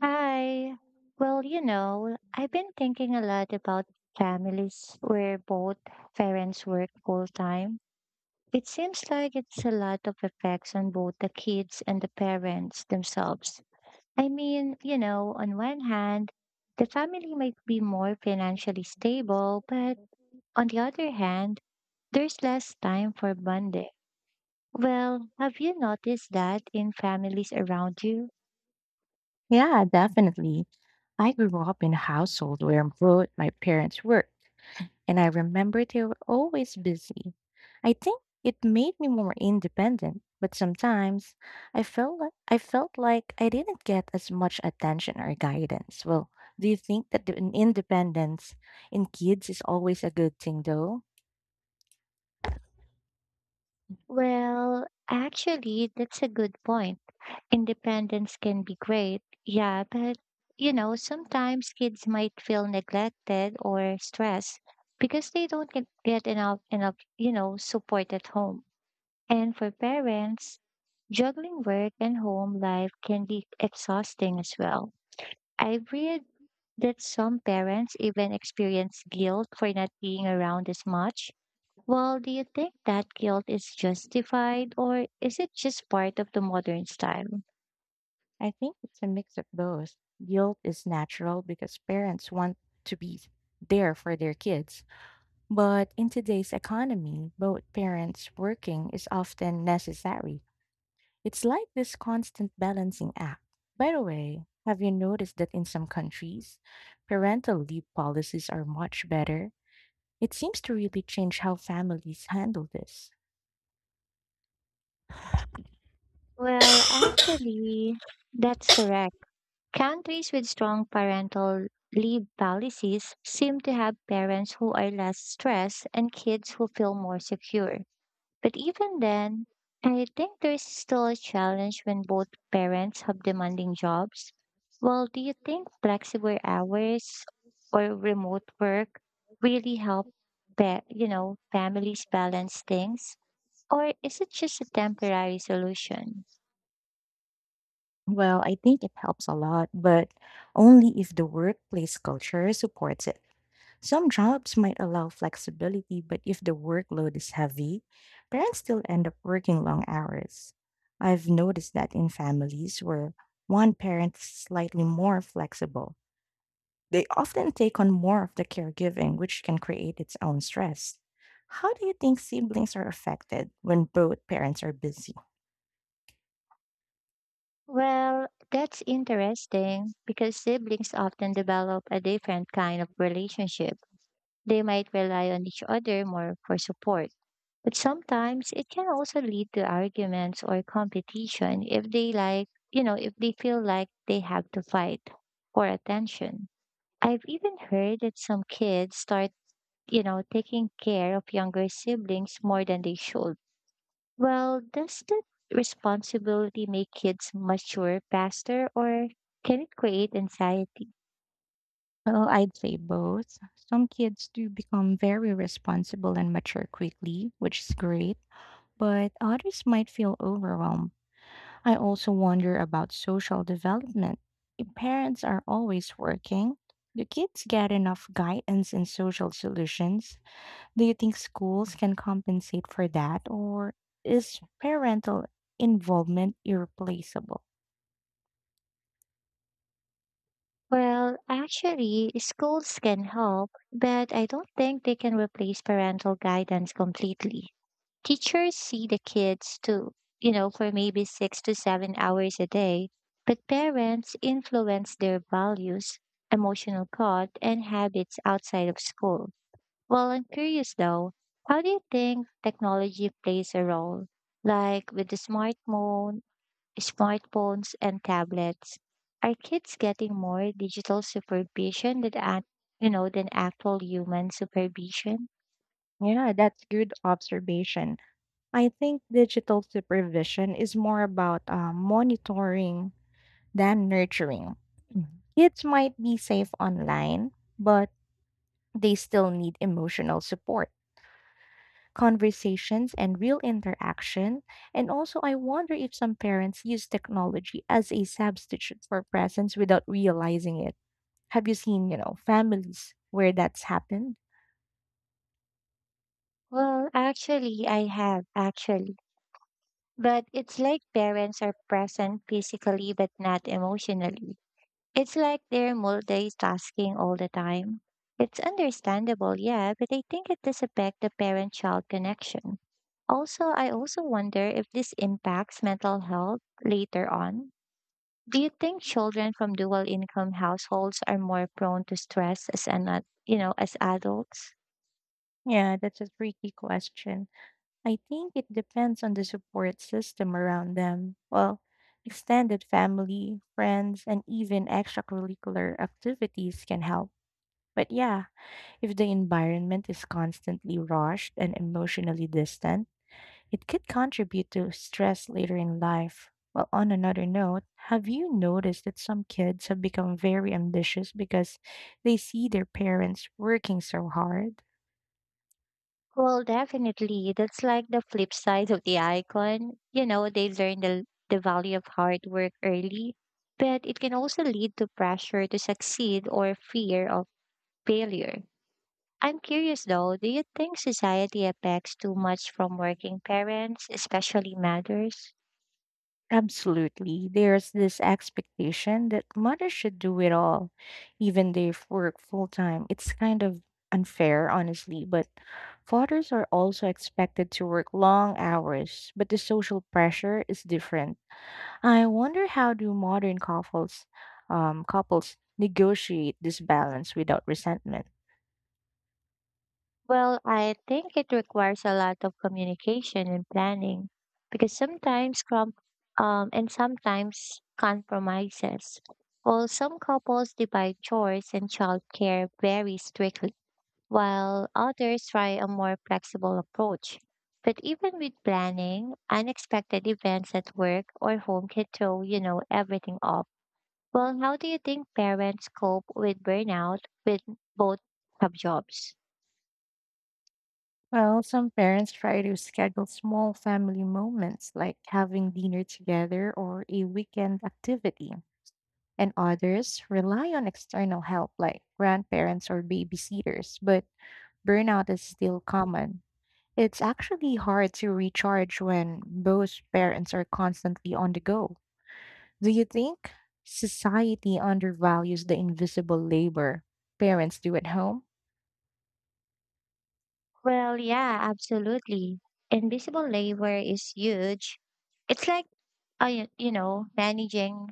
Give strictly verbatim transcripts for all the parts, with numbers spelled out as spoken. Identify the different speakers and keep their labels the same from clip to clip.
Speaker 1: Hi. Well, you know, I've been thinking a lot about families where both parents work full time. It seems like it's a lot of effects on both the kids and the parents themselves. I mean, you know, on one hand, the family might be more financially stable, but on the other hand, there's less time for bonding. Well, have you noticed that in families around you?
Speaker 2: Yeah, definitely. I grew up in a household where both my parents worked, and I remember they were always busy. I think it made me more independent, but sometimes I felt like, I felt like I didn't get as much attention or guidance. Well, do you think that the in- independence in kids is always a good thing though?
Speaker 1: Well, actually, that's a good point. Independence can be great, yeah, but you know, sometimes kids might feel neglected or stressed because they don't get, get enough enough, you know, support at home. And for parents, juggling work and home life can be exhausting as well. I've read that some parents even experience guilt for not being around as much. Well, do you think that guilt is justified, or is it just part of the modern style?
Speaker 2: I think it's a mix of both. Guilt is natural because parents want to be there for their kids. But in today's economy, both parents working is often necessary. It's like this constant balancing act. By the way, have you noticed that in some countries, parental leave policies are much better? It seems to really change how families handle this.
Speaker 1: Well, actually, that's correct. Countries with strong parental leave policies seem to have parents who are less stressed and kids who feel more secure. But even then, I think there's still a challenge when both parents have demanding jobs. Well, do you think flexible hours or remote work really help, pa- you know, families balance things? Or is it just a temporary solution?
Speaker 2: Well, I think it helps a lot, but only if the workplace culture supports it. Some jobs might allow flexibility, but if the workload is heavy, parents still end up working long hours. I've noticed that in families where one parent is slightly more flexible, they often take on more of the caregiving, which can create its own stress. How do you think siblings are affected when both parents are busy?
Speaker 1: Well, that's interesting because siblings often develop a different kind of relationship. They might rely on each other more for support, but sometimes it can also lead to arguments or competition if they like, you know, if they feel like they have to fight for attention. I've even heard that some kids start, you know, taking care of younger siblings more than they should. Well, does that responsibility make kids mature faster, or can it create anxiety?
Speaker 2: Well, I'd say both. Some kids do become very responsible and mature quickly, which is great, but others might feel overwhelmed. I also wonder about social development. If parents are always working, do kids get enough guidance and social solutions? Do you think schools can compensate for that, or is parental involvement irreplaceable?
Speaker 1: Well, actually, schools can help, but I don't think they can replace parental guidance completely. Teachers see the kids too, you know, for maybe six to seven hours a day, but parents influence their values, emotional thought, and habits outside of school. Well, I'm curious though, how do you think technology plays a role? Like with the smartphone, smartphones and tablets, are kids getting more digital supervision than act, you know, than actual human supervision?
Speaker 2: Yeah, that's good observation. I think digital supervision is more about uh, monitoring than nurturing. Mhm. Kids might be safe online, but they still need emotional support, conversations, and real interaction. And also, I wonder if some parents use technology as a substitute for presence without realizing it. Have you seen, you know, families where that's happened?
Speaker 1: Well, actually, I have actually, but it's like parents are present physically but not emotionally. It's like they're multitasking all the time. It's understandable, yeah, but I think it does affect the parent child connection. Also, I also wonder if this impacts mental health later on. Do you think children from dual income households are more prone to stress as an, ad- you know, as adults?
Speaker 2: Yeah, that's a tricky question. I think it depends on the support system around them. Well, extended family, friends, and even extracurricular activities can help. But yeah, if the environment is constantly rushed and emotionally distant, it could contribute to stress later in life. Well, on another note, have you noticed that some kids have become very ambitious because they see their parents working so hard?
Speaker 1: Well, definitely. That's like the flip side of the icon. You know, they learn the, the value of hard work early, but it can also lead to pressure to succeed or fear of failure. I'm curious though, do you think society affects too much from working parents, especially mothers?
Speaker 2: Absolutely. There's this expectation that mothers should do it all, even they f- work full time. It's kind of unfair, honestly, but fathers are also expected to work long hours, but the social pressure is different. I wonder how do modern couples um, couples negotiate this balance without resentment?
Speaker 1: Well, I think it requires a lot of communication and planning because sometimes com- um and sometimes compromises. Well, some couples divide chores and childcare very strictly, while others try a more flexible approach. But even with planning, unexpected events at work or home can throw, you know, everything off. Well, how do you think parents cope with burnout when both have jobs?
Speaker 2: Well, some parents try to schedule small family moments like having dinner together or a weekend activity, and others rely on external help like grandparents or babysitters, but burnout is still common. It's actually hard to recharge when both parents are constantly on the go. Do you think society undervalues the invisible labor parents do at home?
Speaker 1: Well, yeah, absolutely. Invisible labor is huge. It's like, uh, y- you know, managing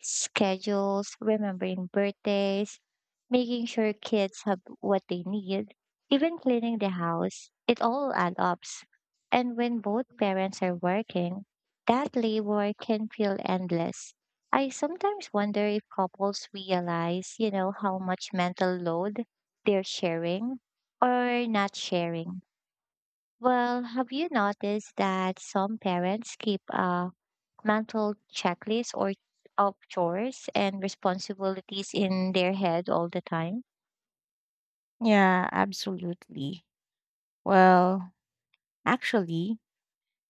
Speaker 1: schedules, remembering birthdays, making sure kids have what they need, even cleaning the house. It all adds up. And when both parents are working, that labor can feel endless. I sometimes wonder if couples realize, you know, how much mental load they're sharing or not sharing. Well, have you noticed that some parents keep a mental checklist or of chores and responsibilities in their head all the time?
Speaker 2: Yeah, absolutely. Well, actually,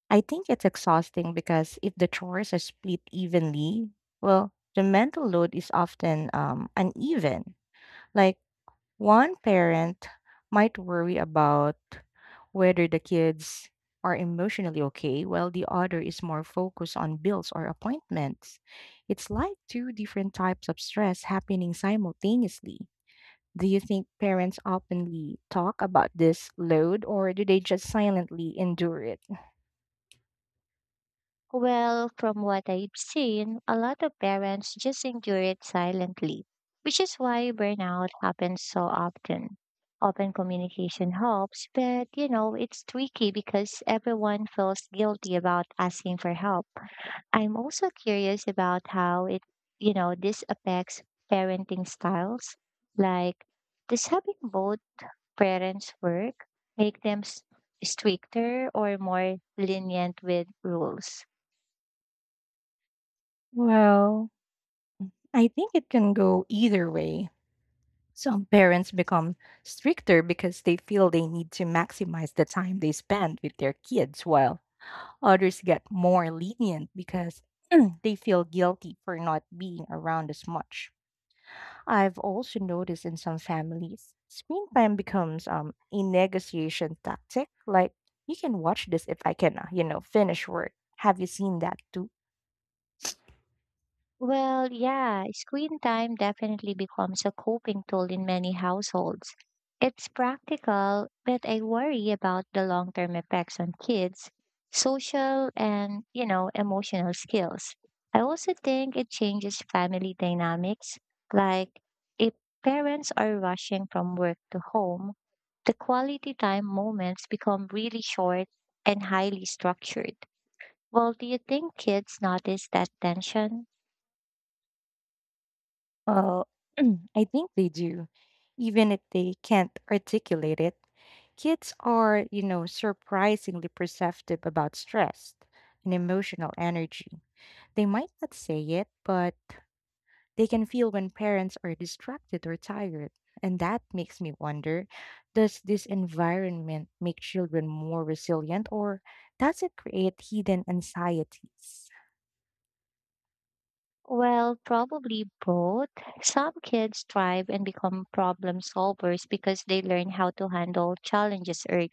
Speaker 2: I think it's exhausting because if the chores are split evenly, well, the mental load is often um, uneven. Like one parent might worry about whether the kids are emotionally okay, while the other is more focused on bills or appointments. It's like two different types of stress happening simultaneously. Do you think parents openly talk about this load or do they just silently endure it?
Speaker 1: Well, from what I've seen, a lot of parents just endure it silently, which is why burnout happens so often. Open communication helps, but you know, it's tricky because everyone feels guilty about asking for help. I'm also curious about how it, you know, this affects parenting styles. Like, does having both parents work make them s- stricter or more lenient with rules?
Speaker 2: Well, I think it can go either way. Some parents become stricter because they feel they need to maximize the time they spend with their kids, while others get more lenient because they feel guilty for not being around as much. I've also noticed in some families, screen time becomes um, a negotiation tactic. Like, you can watch this if I can, uh, you know, finish work. Have you seen that too?
Speaker 1: Well, yeah, screen time definitely becomes a coping tool in many households. It's practical, but I worry about the long-term effects on kids, social and, you know, emotional skills. I also think it changes family dynamics, like if parents are rushing from work to home, the quality time moments become really short and highly structured. Well, do you think kids notice that tension?
Speaker 2: Uh, I think they do. Even if they can't articulate it, kids are, you know, surprisingly perceptive about stress and emotional energy. They might not say it, but they can feel when parents are distracted or tired. And that makes me wonder, does this environment make children more resilient or does it create hidden anxieties?
Speaker 1: Well, probably both. Some kids thrive and become problem solvers because they learn how to handle challenges early.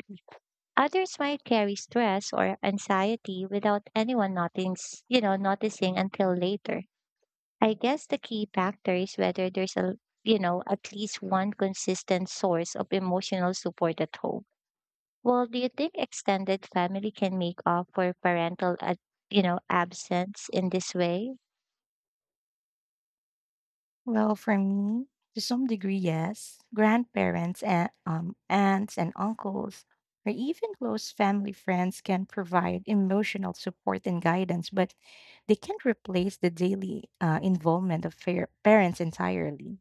Speaker 1: Others might carry stress or anxiety without anyone noticing, you know, noticing until later. I guess the key factor is whether there's a, you know, at least one consistent source of emotional support at home. Well, do you think extended family can make up for parental, uh, you know, absence in this way?
Speaker 2: Well, for me, to some degree, yes. Grandparents and um, aunts and uncles, or even close family friends, can provide emotional support and guidance, but they can't replace the daily uh, involvement of fair- parents entirely.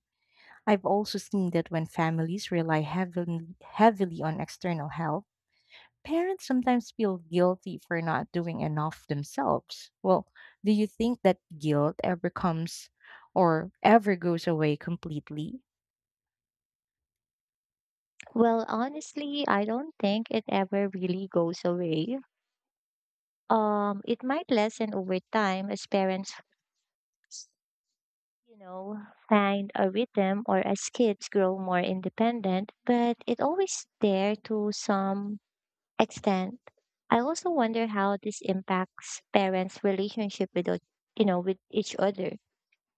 Speaker 2: I've also seen that when families rely heavily, heavily on external help, parents sometimes feel guilty for not doing enough themselves. Well, do you think that guilt ever comes or ever goes away completely?
Speaker 1: Well, honestly, I don't think it ever really goes away. Um, it might lessen over time as parents, you know, find a rhythm, or as kids grow more independent, but it always there to some extent. I also wonder how this impacts parents' relationship with, o- you know, with each other.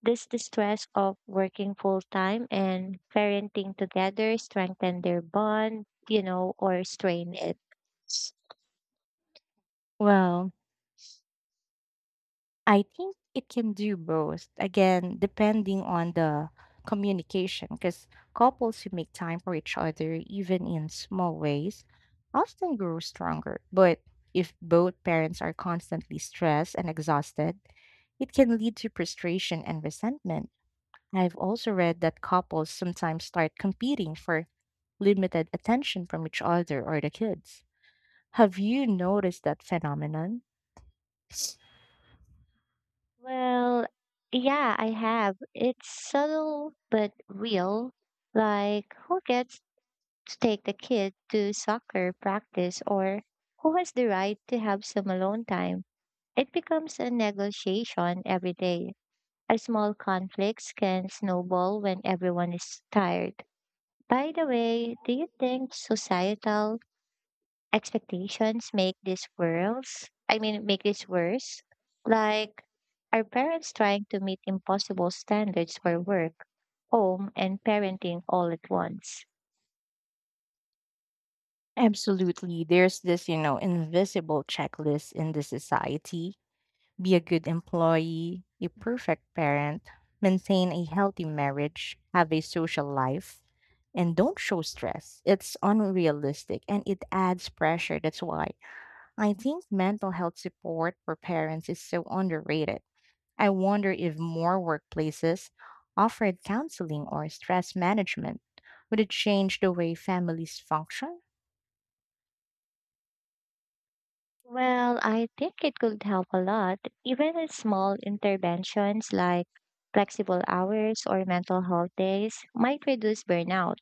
Speaker 1: Does the stress of working full time and parenting together strengthen their bond, you know, or strain it?
Speaker 2: Well, I think it can do both. Again, depending on the communication, because couples who make time for each other, even in small ways, often grow stronger. But if both parents are constantly stressed and exhausted, it can lead to frustration and resentment. I've also read that couples sometimes start competing for limited attention from each other or the kids. Have you noticed that phenomenon?
Speaker 1: Well, yeah, I have. It's subtle but real. Like, who gets to take the kid to soccer practice, or who has the right to have some alone time? It becomes a negotiation every day. A small conflicts can snowball when everyone is tired. By the way, do you think societal expectations make this worse. I mean, make this worse. Like, are parents trying to meet impossible standards for work, home, and parenting all at once?
Speaker 2: Absolutely. There's this, you know, invisible checklist in the society. Be a good employee, a perfect parent, maintain a healthy marriage, have a social life, and don't show stress. It's unrealistic and it adds pressure. That's why I think mental health support for parents is so underrated. I wonder if more workplaces offered counseling or stress management. Would it change the way families function?
Speaker 1: Well, I think it could help a lot. Even with small interventions like flexible hours or mental health days might reduce burnout.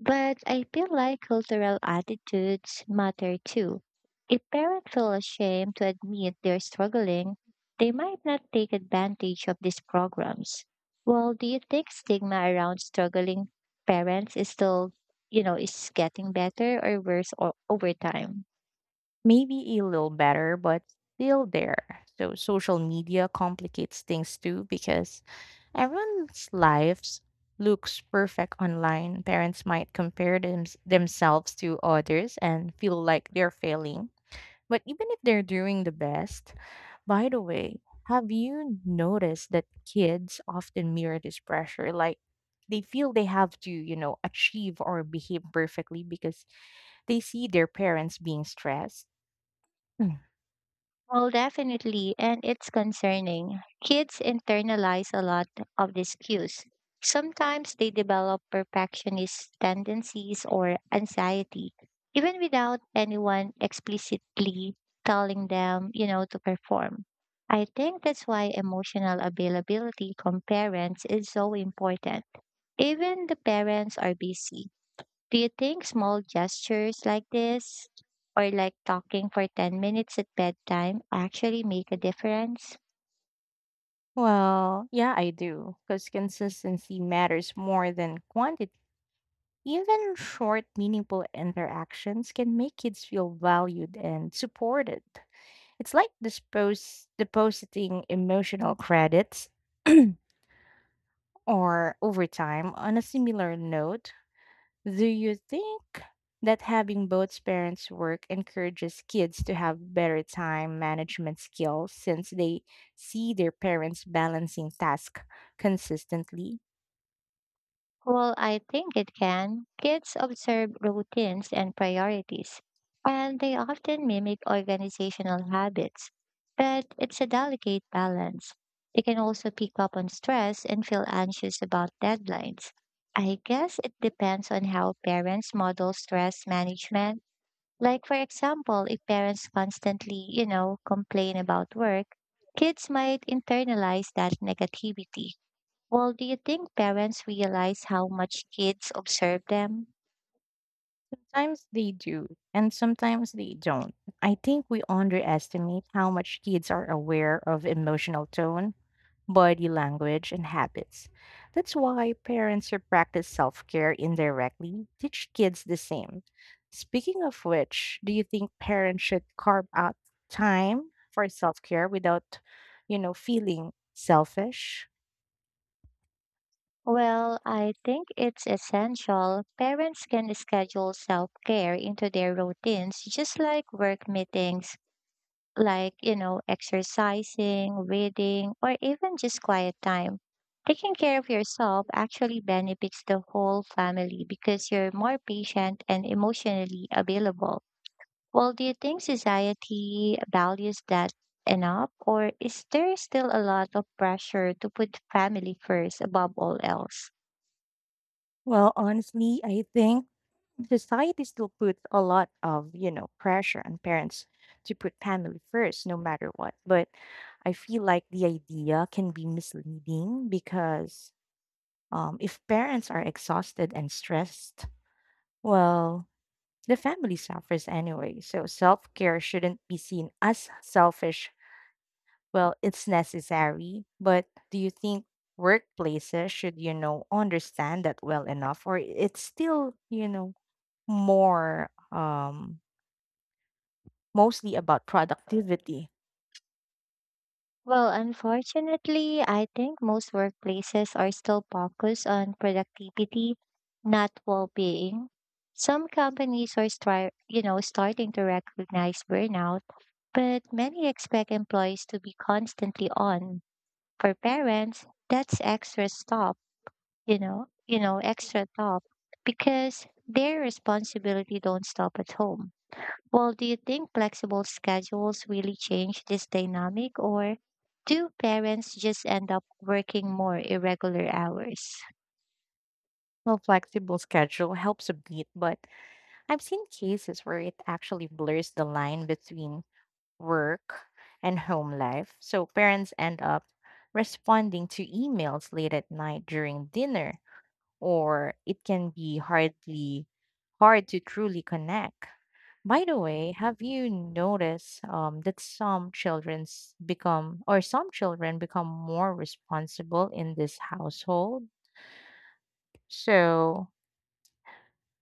Speaker 1: But I feel like cultural attitudes matter too. If parents feel ashamed to admit they're struggling, they might not take advantage of these programs. Well, do you think stigma around struggling parents is still, you know, is getting better or worse o- over time?
Speaker 2: Maybe a little better, but still there. So social media complicates things too because everyone's lives looks perfect online. Parents might compare them- themselves to others and feel like they're failing. But even if they're doing the best, by the way, have you noticed that kids often mirror this pressure? Like they feel they have to, you know, achieve or behave perfectly because they see their parents being stressed.
Speaker 1: Well, definitely, and it's concerning. Kids internalize a lot of these cues. Sometimes they develop perfectionist tendencies or anxiety, even without anyone explicitly telling them, you know, to perform. I think that's why emotional availability from parents is so important. Even the parents are busy, do you think small gestures like this, or like talking for ten minutes at bedtime, actually make a difference?
Speaker 2: Well, yeah, I do, because consistency matters more than quantity. Even short, meaningful interactions can make kids feel valued and supported. It's like dispose, depositing emotional credits or overtime on a similar note. Do you think that having both parents work encourages kids to have better time management skills since they see their parents balancing tasks consistently?
Speaker 1: Well, I think it can. Kids observe routines and priorities, and they often mimic organizational habits. But it's a delicate balance. They can also pick up on stress and feel anxious about deadlines. I guess it depends on how parents model stress management. Like, for example, if parents constantly, you know, complain about work, kids might internalize that negativity. Well, do you think parents realize how much kids observe them?
Speaker 2: Sometimes they do, and sometimes they don't. I think we underestimate how much kids are aware of emotional tone, body language, and habits. That's why parents who practice self care indirectly teach kids the same. Speaking of which, do you think parents should carve out time for self care without, you know, feeling selfish?
Speaker 1: Well, I think it's essential. Parents can schedule self care into their routines, just like work meetings, like, you know, exercising, reading, or even just quiet time. Taking care of yourself actually benefits the whole family because you're more patient and emotionally available. Well, do you think society values that enough, or is there still a lot of pressure to put family first above all else?
Speaker 2: Well, honestly, I think society still puts a lot of, you know, pressure on parents to put family first no matter what. But I feel like the idea can be misleading because Um, if parents are exhausted and stressed, well, the family suffers anyway. So self care shouldn't be seen as selfish. Well, it's necessary, but do you think workplaces should, you know, understand that well enough, or it's still, you know, more um, mostly about productivity?
Speaker 1: Well, unfortunately, I think most workplaces are still focused on productivity, not well-being. Some companies are start, you know, starting to recognize burnout, but many expect employees to be constantly on. For parents, that's extra stop, you know, you know, extra top because their responsibility don't stop at home. Well, do you think flexible schedules really change this dynamic, or do parents just end up working more irregular hours?
Speaker 2: Well, flexible schedule helps a bit, but I've seen cases where it actually blurs the line between work, and home life. So parents end up responding to emails late at night during dinner, or it can be hardly hard to truly connect. By the way, have you noticed um, that some children's become or some children become more responsible in this household? So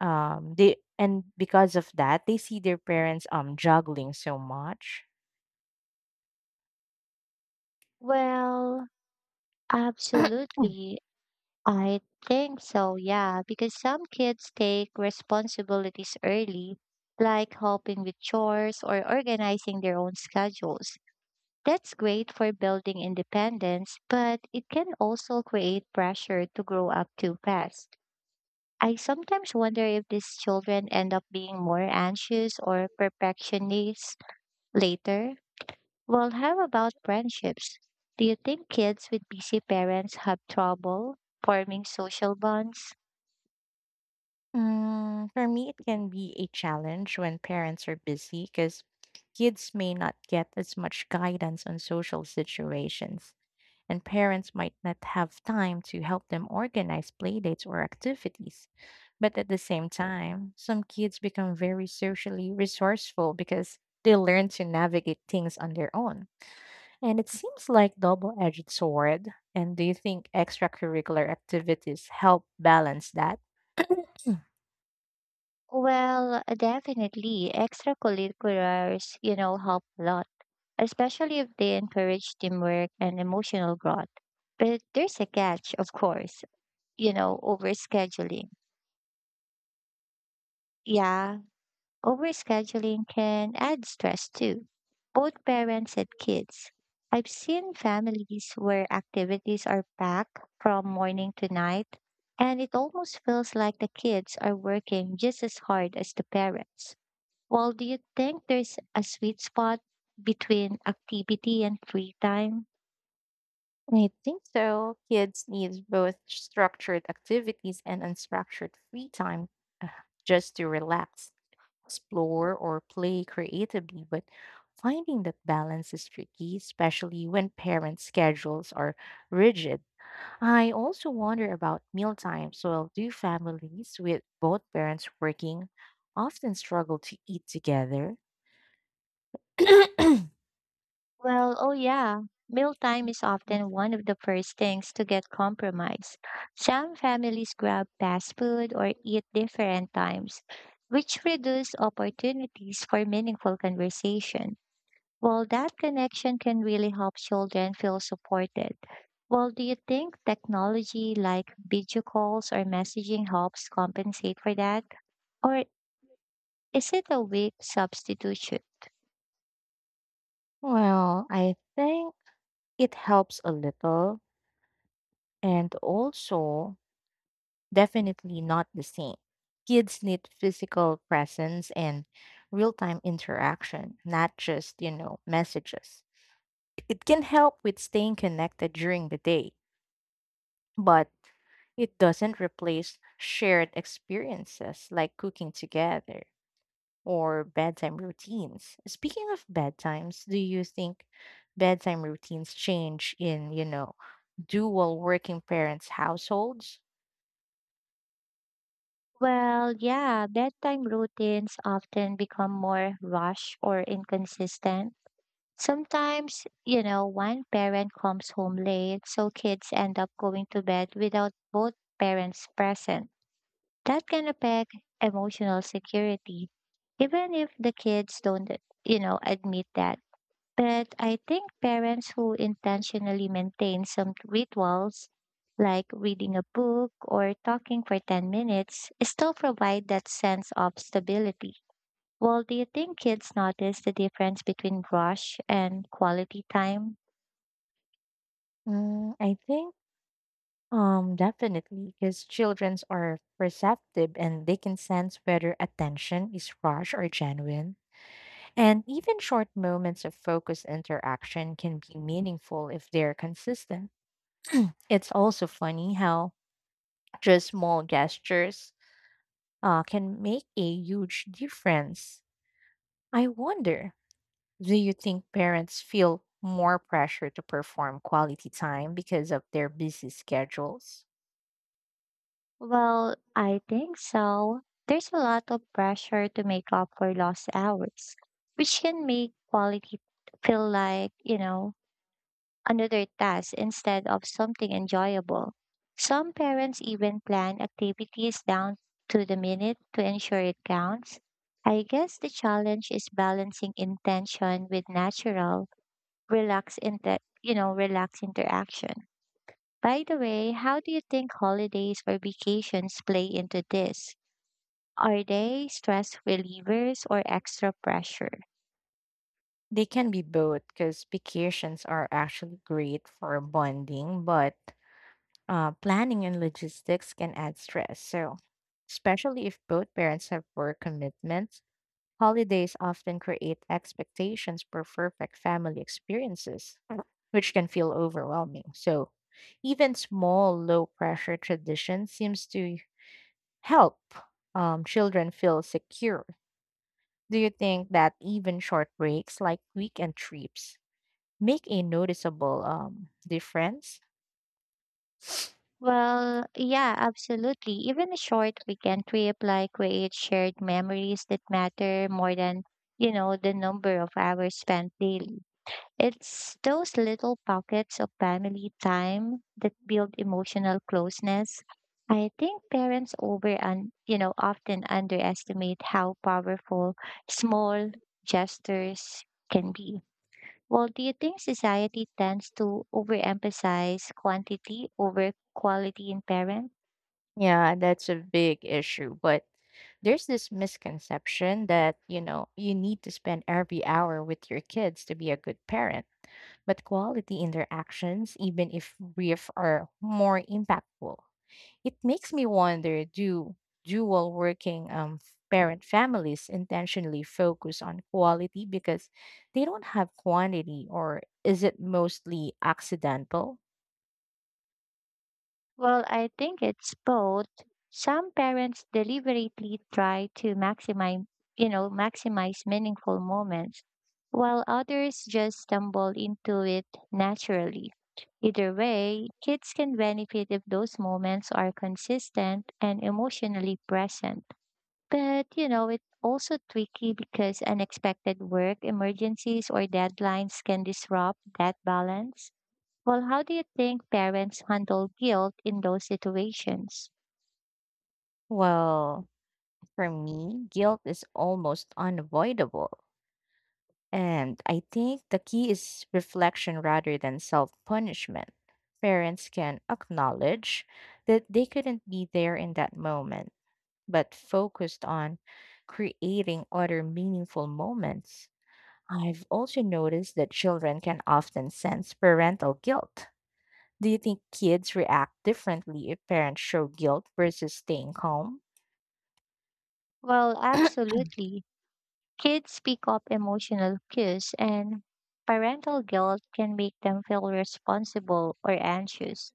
Speaker 2: um, they and because of that, they see their parents um juggling so much.
Speaker 1: Well, absolutely. I think so, yeah, because some kids take responsibilities early, like helping with chores or organizing their own schedules. That's great for building independence, but it can also create pressure to grow up too fast. I sometimes wonder if these children end up being more anxious or perfectionists later. Well, how about friendships? Do you think kids with busy parents have trouble forming social bonds?
Speaker 2: Mm, for me, it can be a challenge when parents are busy because kids may not get as much guidance on social situations, and parents might not have time to help them organize playdates or activities. But at the same time, some kids become very socially resourceful because they learn to navigate things on their own. And it seems like double-edged sword. And do you think extracurricular activities help balance that?
Speaker 1: Well, definitely. Extracurriculars, you know, help a lot, especially if they encourage teamwork and emotional growth. But there's a catch, of course, you know, overscheduling. Yeah, overscheduling can add stress too, both parents and kids. I've seen families where activities are packed from morning to night, and it almost feels like the kids are working just as hard as the parents. Well, do you think there's a sweet spot between activity and free time?
Speaker 2: I think so. Kids need both structured activities and unstructured free time uh, just to relax, explore, or play creatively. But finding that balance is tricky, especially when parents' schedules are rigid. I also wonder about meal times. Well, do families with both parents working often struggle to eat together?
Speaker 1: Well, oh yeah. Mealtime is often one of the first things to get compromised. Some families grab fast food or eat different times, which reduce opportunities for meaningful conversation. Well, that connection can really help children feel supported. Well, do you think technology like video calls or messaging helps compensate for that? Or is it a weak substitution?
Speaker 2: Well, I think it helps a little and also definitely not the same. Kids need physical presence and real time interaction, not just, you know, messages. It can help with staying connected during the day, but it doesn't replace shared experiences like cooking together or bedtime routines. Speaking of bedtimes, do you think bedtime routines change in, you know, dual working parents' households?
Speaker 1: Well, yeah, bedtime routines often become more rushed or inconsistent. Sometimes, you know, one parent comes home late, so kids end up going to bed without both parents present. That can affect emotional security, even if the kids don't, you know, admit that. But I think parents who intentionally maintain some rituals, like reading a book or talking for ten minutes, still provide that sense of stability. Well, do you think kids notice the difference between rush and quality time?
Speaker 2: Mm, I think. Um, definitely, because childrens are perceptive and they can sense whether attention is rushed or genuine. And even short moments of focused interaction can be meaningful if they're consistent. It's also funny how just small gestures uh, can make a huge difference. I wonder, do you think parents feel more pressure to perform quality time because of their busy schedules?
Speaker 1: Well, I think so. There's a lot of pressure to make up for lost hours, which can make quality feel like, you know, another task instead of something enjoyable. Some parents even plan activities down to the minute to ensure it counts. I guess the challenge is balancing intention with natural, relaxed, inter- you know, relaxed interaction. By the way, how do you think holidays or vacations play into this? Are they stress relievers or extra pressure?
Speaker 2: They can be both because vacations are actually great for bonding, but uh, planning and logistics can add stress. So, especially if both parents have work commitments, holidays often create expectations for perfect family experiences, which can feel overwhelming. So, even small, low pressure traditions seems to help um, children feel secure. Do you think that even short breaks like weekend trips make a noticeable um, difference?
Speaker 1: Well, yeah, absolutely. Even a short weekend trip like creates shared memories that matter more than, you know, the number of hours spent daily. It's those little pockets of family time that build emotional closeness. I think parents over and, you know, often underestimate how powerful small gestures can be. Well, do you think society tends to overemphasize quantity over quality in parents?
Speaker 2: Yeah, that's a big issue. But there's this misconception that, you know, you need to spend every hour with your kids to be a good parent. But quality interactions, even if brief, are more impactful. It makes me wonder, do dual working um, parent families intentionally focus on quality because they don't have quantity, or is it mostly accidental?
Speaker 1: Well, I think it's both. Some parents deliberately try to maximize, you know, maximize meaningful moments, while others just stumble into it naturally. Either way, kids can benefit if those moments are consistent and emotionally present. But, you know, it's also tricky because unexpected work, emergencies, or deadlines can disrupt that balance. Well, how do you think parents handle guilt in those situations?
Speaker 2: Well, for me, guilt is almost unavoidable. And I think the key is reflection rather than self punishment. Parents can acknowledge that they couldn't be there in that moment, but focused on creating other meaningful moments. I've also noticed that children can often sense parental guilt. Do you think kids react differently if parents show guilt versus staying calm?
Speaker 1: Well, absolutely. Kids pick up emotional cues, and parental guilt can make them feel responsible or anxious.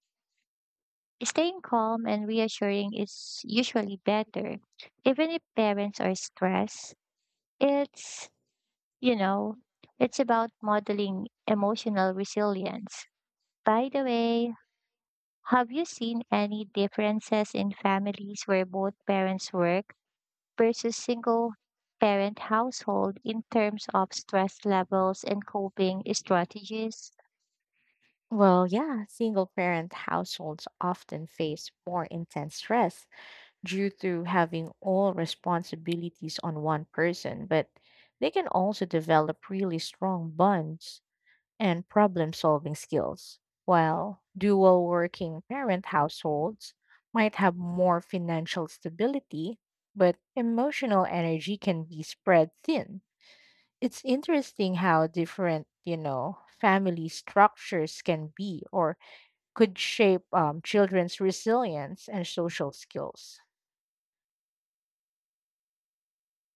Speaker 1: Staying calm and reassuring is usually better. Even if parents are stressed, it's, you know, it's about modeling emotional resilience. By the way, have you seen any differences in families where both parents work versus single parent household in terms of stress levels and coping strategies?
Speaker 2: Well, yeah, single parent households often face more intense stress due to having all responsibilities on one person, but they can also develop really strong bonds and problem solving skills. While dual working parent households might have more financial stability, but emotional energy can be spread thin. It's interesting how different, you know, family structures can be or could shape um, children's resilience and social skills.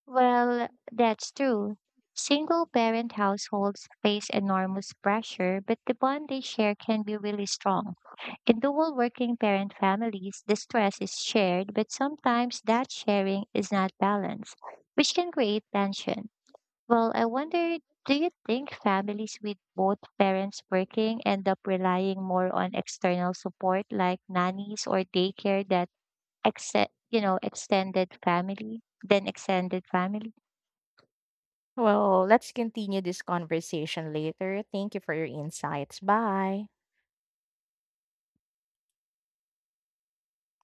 Speaker 1: Well, that's true. Single parent households face enormous pressure, but the bond they share can be really strong. In dual working parent families, the stress is shared, but sometimes that sharing is not balanced, which can create tension. Well, I wonder, do you think families with both parents working end up relying more on external support like nannies or daycare, that except you know extended family than extended family?
Speaker 2: Well, let's continue this conversation later. Thank you for your insights. Bye.